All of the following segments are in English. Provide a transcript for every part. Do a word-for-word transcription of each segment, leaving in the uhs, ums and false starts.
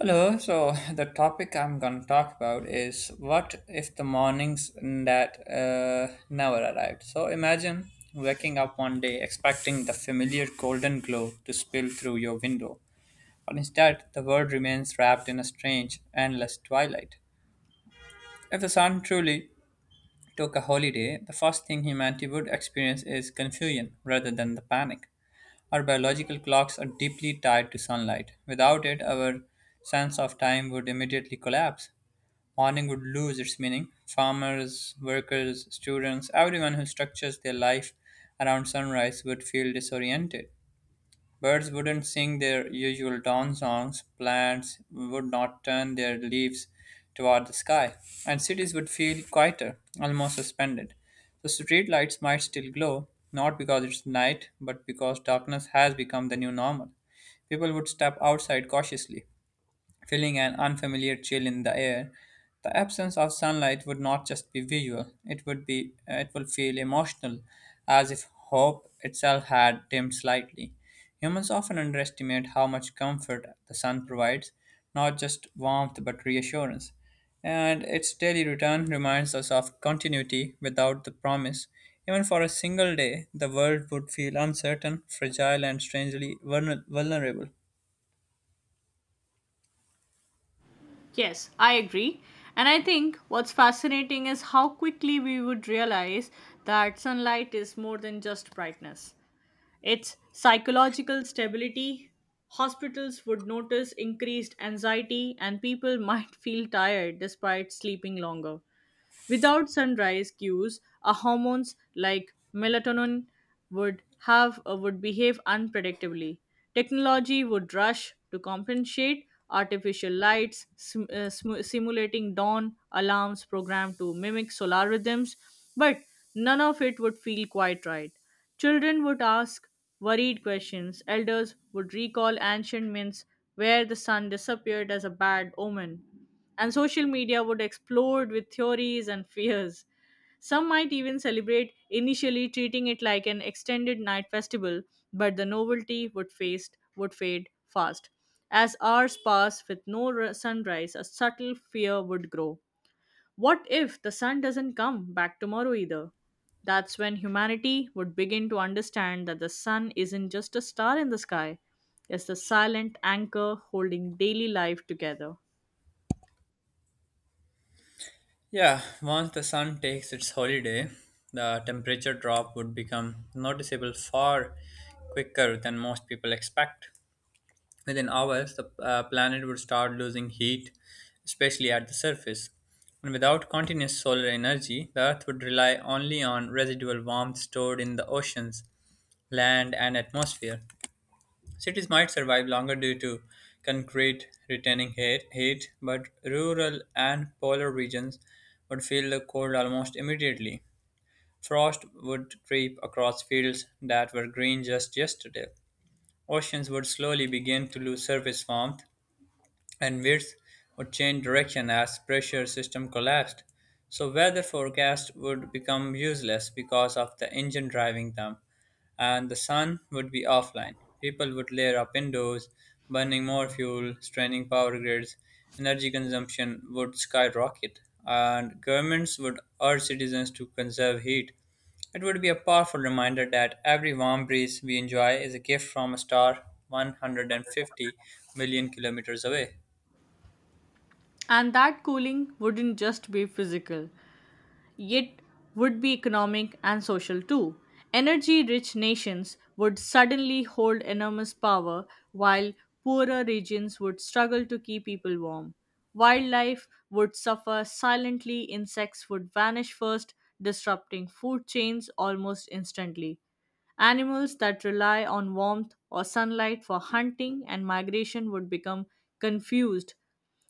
Hello, so the topic I'm going to talk about is what if the mornings that uh, never arrived. So imagine waking up one day expecting the familiar golden glow to spill through your window, but instead the world remains wrapped in a strange, endless twilight. If the sun truly took a holiday, the first thing humanity would experience is confusion rather than the panic. Our biological clocks are deeply tied to sunlight. Without it, our sense of time would immediately collapse. Mourning would lose its meaning. Farmers, workers, students, everyone who structures their life around sunrise would feel disoriented. Birds wouldn't sing their usual dawn songs, plants would not turn their leaves toward the sky, and cities would feel quieter, almost suspended. The street lights might still glow, not because it's night, but because darkness has become the new normal. People would step outside cautiously, feeling an unfamiliar chill in the air. The absence of sunlight would not just be visual, it would be uh, it would feel emotional, as if hope itself had dimmed slightly. Humans often underestimate how much comfort the sun provides, not just warmth but reassurance. And its daily return reminds us of continuity without the promise. Even for a single day, the world would feel uncertain, fragile, and strangely vulner- vulnerable. Yes, I agree. And I think what's fascinating is how quickly we would realize that sunlight is more than just brightness, its psychological stability. Hospitals would notice increased anxiety, and people might feel tired despite sleeping longer. Without sunrise cues, our hormones like melatonin would have uh, would behave unpredictably. Technology would rush to compensate artificial lights, sim- uh, smu- simulating dawn alarms programmed to mimic solar rhythms, but none of it would feel quite right. Children would ask worried questions. Elders would recall ancient myths where the sun disappeared as a bad omen. And social media would explode with theories and fears. Some might even celebrate, initially treating it like an extended night festival, but the novelty would, face, would fade fast. As hours pass with no r- sunrise, a subtle fear would grow. What if the sun doesn't come back tomorrow either? That's when humanity would begin to understand that the sun isn't just a star in the sky, it's the silent anchor holding daily life together. Yeah, once the sun takes its holiday, the temperature drop would become noticeable far quicker than most people expect. Within hours, the uh, planet would start losing heat, especially at the surface. And without continuous solar energy, the Earth would rely only on residual warmth stored in the oceans, land, and atmosphere. Cities might survive longer due to concrete retaining heat, heat, but rural and polar regions would feel the cold almost immediately. Frost would creep across fields that were green just yesterday. Oceans would slowly begin to lose surface warmth, and winds would change direction as pressure system collapsed. So weather forecasts would become useless because of the engine driving them, and the sun would be offline. People would layer up indoors, burning more fuel, straining power grids. Energy consumption would skyrocket, and governments would urge citizens to conserve heat. It would be a powerful reminder that every warm breeze we enjoy is a gift from a star one hundred fifty million kilometers away. And that cooling wouldn't just be physical, yet would be economic and social too. Energy rich nations would suddenly hold enormous power, while poorer regions would struggle to keep people warm. Wildlife would suffer silently, insects would vanish first, disrupting food chains almost instantly. Animals that rely on warmth or sunlight for hunting and migration would become confused.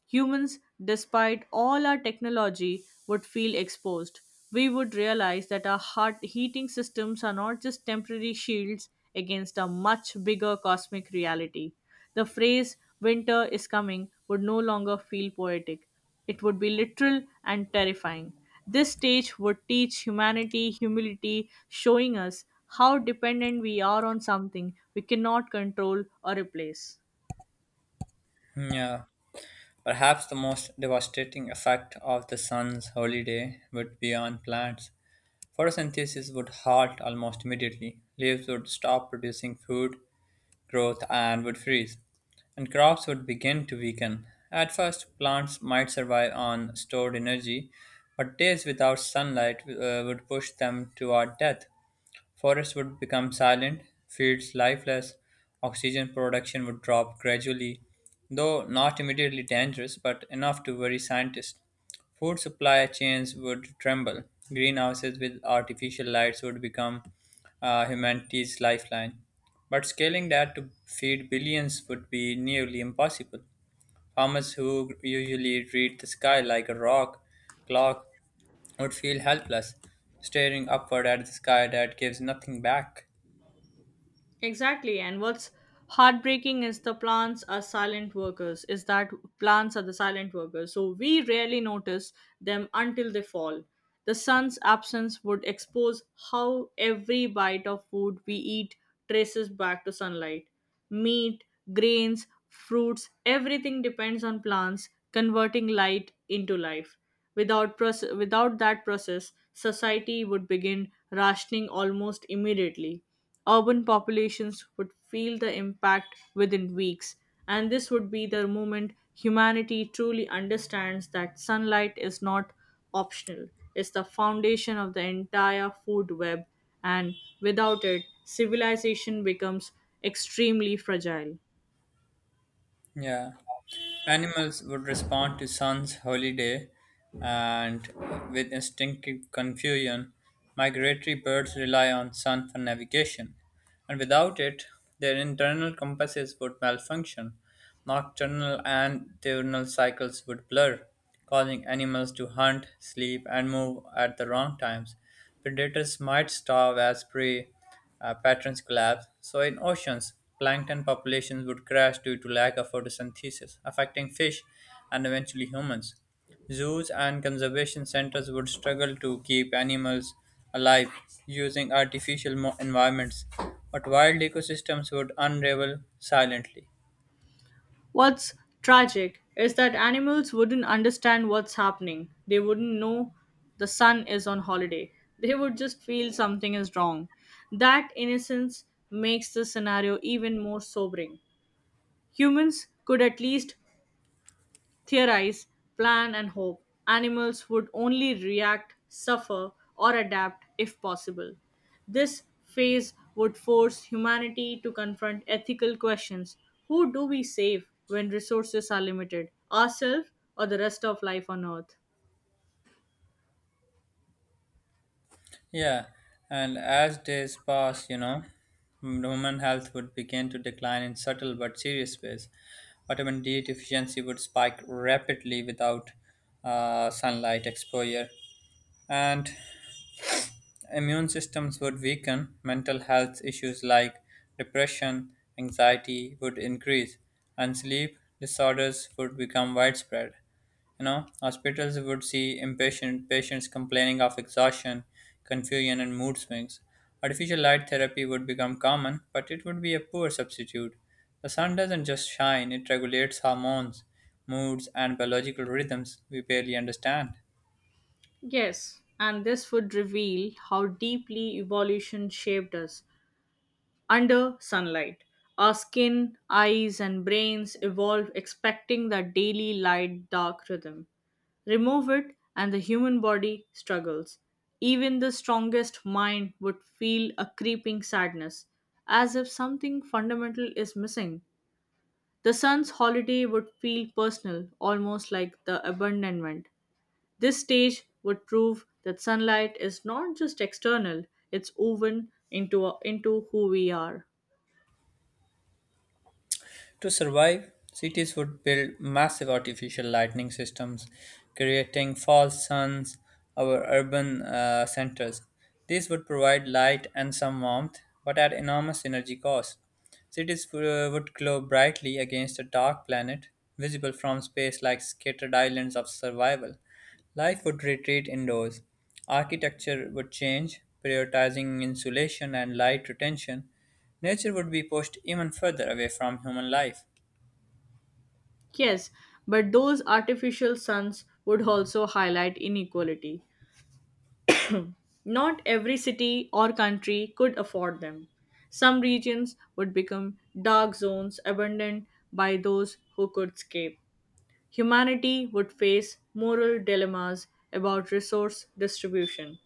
Humans, despite all our technology, would feel exposed. We would realize that our heart heating systems are not just temporary shields against a much bigger cosmic reality. The phrase winter is coming would no longer feel poetic. It would be literal and terrifying. This stage would teach humanity humility, showing us how dependent we are on something we cannot control or replace. Yeah, perhaps the most devastating effect of the sun's holiday would be on plants. Photosynthesis would halt almost immediately. Leaves would stop producing food, growth, and would freeze. And crops would begin to weaken. At first, plants might survive on stored energy, but days without sunlight uh, would push them toward death. Forests would become silent, fields lifeless, oxygen production would drop gradually, though not immediately dangerous, but enough to worry scientists. Food supply chains would tremble. Greenhouses with artificial lights would become uh, humanity's lifeline. But scaling that to feed billions would be nearly impossible. Farmers who usually treat the sky like a rock clock would feel helpless, staring upward at the sky that gives nothing back. Exactly. And what's heartbreaking is the plants are silent workers, is that plants are the silent workers. So we rarely notice them until they fall. The sun's absence would expose how every bite of food we eat traces back to sunlight. Meat, grains, fruits, everything depends on plants converting light into life. Without, proce- without that process, society would begin rationing almost immediately. Urban populations would feel the impact within weeks, and this would be the moment humanity truly understands that sunlight is not optional, it's the foundation of the entire food web, and without it, civilization becomes extremely fragile. Yeah. Animals would respond to sun's holiday and with instinctive confusion. Migratory birds rely on sun for navigation, and without it, their internal compasses would malfunction. Nocturnal and diurnal cycles would blur, causing animals to hunt, sleep, and move at the wrong times. Predators might starve as prey uh, patterns collapse. So, in oceans, plankton populations would crash due to lack of photosynthesis, affecting fish and eventually humans. Zoos and conservation centers would struggle to keep animals alive using artificial mo- environments, but wild ecosystems would unravel silently. What's tragic is that animals wouldn't understand what's happening. They wouldn't know the sun is on holiday. They would just feel something is wrong. That innocence makes the scenario even more sobering. Humans could at least theorize, plan, and hope, animals would only react, suffer, or adapt if possible. This phase would force humanity to confront ethical questions. Who do we save when resources are limited, ourselves or the rest of life on Earth? Yeah, and as days pass, you know, human health would begin to decline in subtle but serious ways. Vitamin D deficiency would spike rapidly without uh, sunlight exposure, and immune systems would weaken, mental health issues like depression, anxiety would increase, and sleep disorders would become widespread. You know, hospitals would see impatient patients complaining of exhaustion, confusion, and mood swings. Artificial light therapy would become common, but it would be a poor substitute. The sun doesn't just shine, it regulates hormones, moods, and biological rhythms we barely understand. Yes, and this would reveal how deeply evolution shaped us under sunlight. Our skin, eyes, and brains evolve expecting that daily light dark rhythm. Remove it, and the human body struggles. Even the strongest mind would feel a creeping sadness, as if something fundamental is missing. The sun's holiday would feel personal, almost like the abandonment. This stage would prove that sunlight is not just external, it's woven into, into who we are. To survive, cities would build massive artificial lighting systems, creating false suns over urban uh, centers. These would provide light and some warmth, but at enormous energy cost. Cities uh, would glow brightly against a dark planet, visible from space like scattered islands of survival. Life would retreat indoors. Architecture would change, prioritizing insulation and light retention. Nature would be pushed even further away from human life. Yes, but those artificial suns would also highlight inequality. Not every city or country could afford them. Some regions would become dark zones abandoned by those who could escape. Humanity would face moral dilemmas about resource distribution.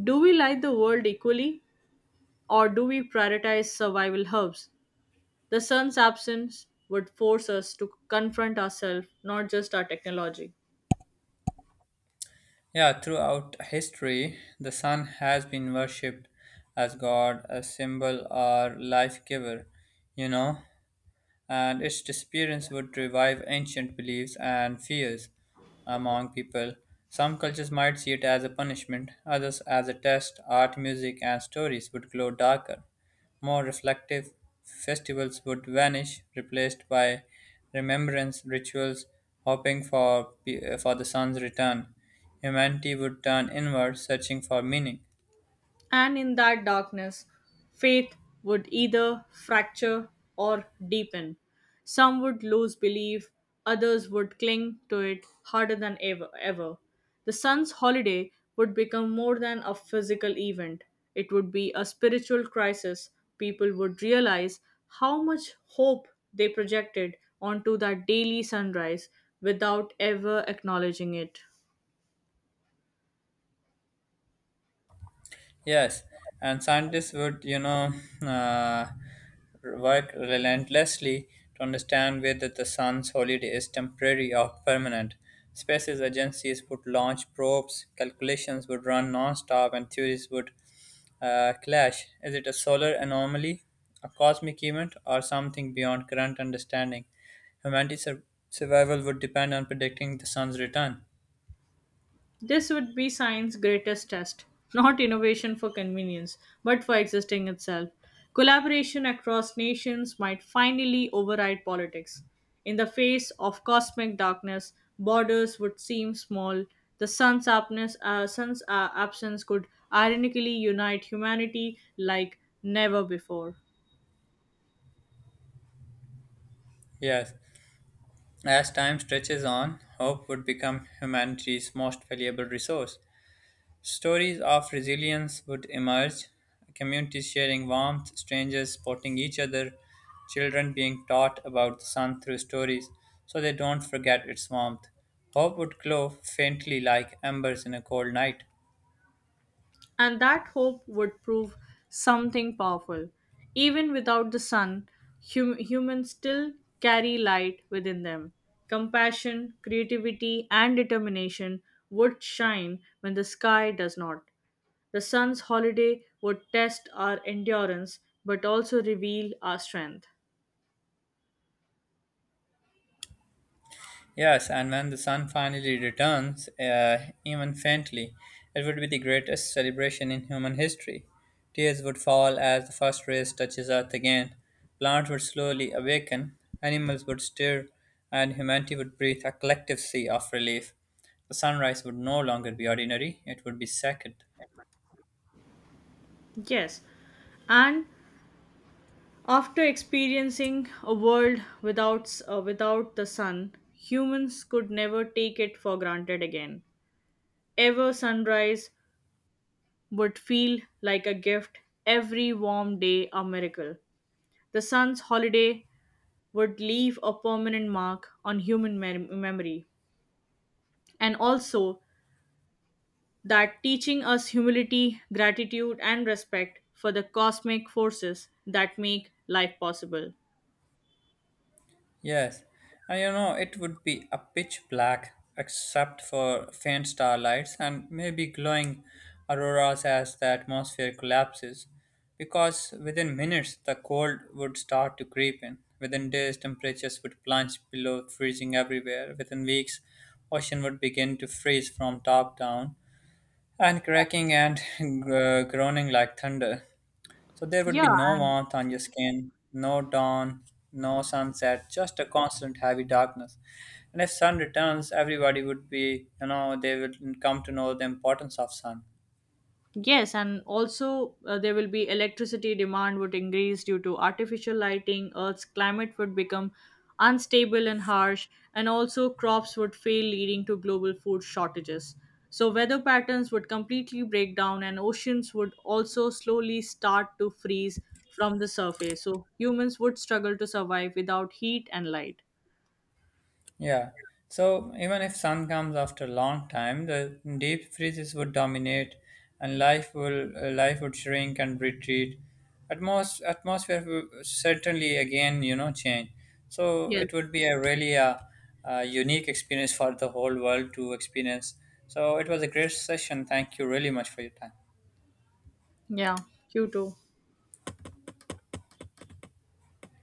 Do we light the world equally or do we prioritize survival hubs? The sun's absence would force us to confront ourselves, not just our technology. Yeah, throughout history, the sun has been worshipped as God, a symbol or life giver, you know, and its disappearance would revive ancient beliefs and fears among people. Some cultures might see it as a punishment, others as a test. Art, music, and stories would glow darker, more reflective. Festivals would vanish, replaced by remembrance rituals, hoping for, for the sun's return. Humanity would turn inward, searching for meaning. And in that darkness, faith would either fracture or deepen. Some would lose belief, others would cling to it harder than ever. ever. The sun's holiday would become more than a physical event, it would be a spiritual crisis. People would realize how much hope they projected onto that daily sunrise without ever acknowledging it. Yes, and scientists would, you know, uh, work relentlessly to understand whether the sun's holiday is temporary or permanent. Space agencies would launch probes, calculations would run non-stop, and theories would uh, clash. Is it a solar anomaly, a cosmic event, or something beyond current understanding? Humanity's sur- survival would depend on predicting the sun's return. This would be science's greatest test, not innovation for convenience, but for existing itself. Collaboration across nations might finally override politics. In the face of cosmic darkness, borders would seem small. The sun's, absence, uh, sun's uh, absence could ironically unite humanity like never before. Yes, as time stretches on, hope would become humanity's most valuable resource. Stories of resilience would emerge, communities sharing warmth, strangers supporting each other, children being taught about the sun through stories so they don't forget its warmth. Hope would glow faintly like embers in a cold night. And that hope would prove something powerful. Even without the sun, hum- humans still carry light within them. Compassion, creativity, and determination would shine when the sky does not. The sun's holiday would test our endurance but also reveal our strength. Yes, and when the sun finally returns, uh, even faintly, it would be the greatest celebration in human history. Tears would fall as the first rays touches earth again. Plants would slowly awaken, animals would stir, and humanity would breathe a collective sea of relief. The sunrise would no longer be ordinary, it would be sacred. Yes, and after experiencing a world without uh, without the sun, humans could never take it for granted again. Ever sunrise would feel like a gift, every warm day a miracle. The sun's holiday would leave a permanent mark on human mem- memory. And also, that teaching us humility, gratitude, and respect for the cosmic forces that make life possible. Yes, and you know, it would be a pitch black except for faint starlights and maybe glowing auroras as the atmosphere collapses, because within minutes the cold would start to creep in. Within days, temperatures would plunge below freezing everywhere. Within weeks, ocean would begin to freeze from top down and cracking and uh, groaning like thunder. So there would Yeah. be no warmth on your skin, no dawn, no sunset, just a constant heavy darkness. And if sun returns, everybody would be, you know, they would come to know the importance of sun. Yes, and also uh, there will be electricity demand would increase due to artificial lighting, Earth's climate would become unstable and harsh, and also crops would fail, leading to global food shortages. So, weather patterns would completely break down, and oceans would also slowly start to freeze from the surface. So, humans would struggle to survive without heat and light. Yeah. So even if sun comes after a long time, the deep freezes would dominate, and life will uh, life would shrink and retreat. Atmos atmosphere will certainly again, you know, change. So Yes. it would be a really a, a unique experience for the whole world to experience. So it was a great session. Thank you really much for your time. Yeah, you too.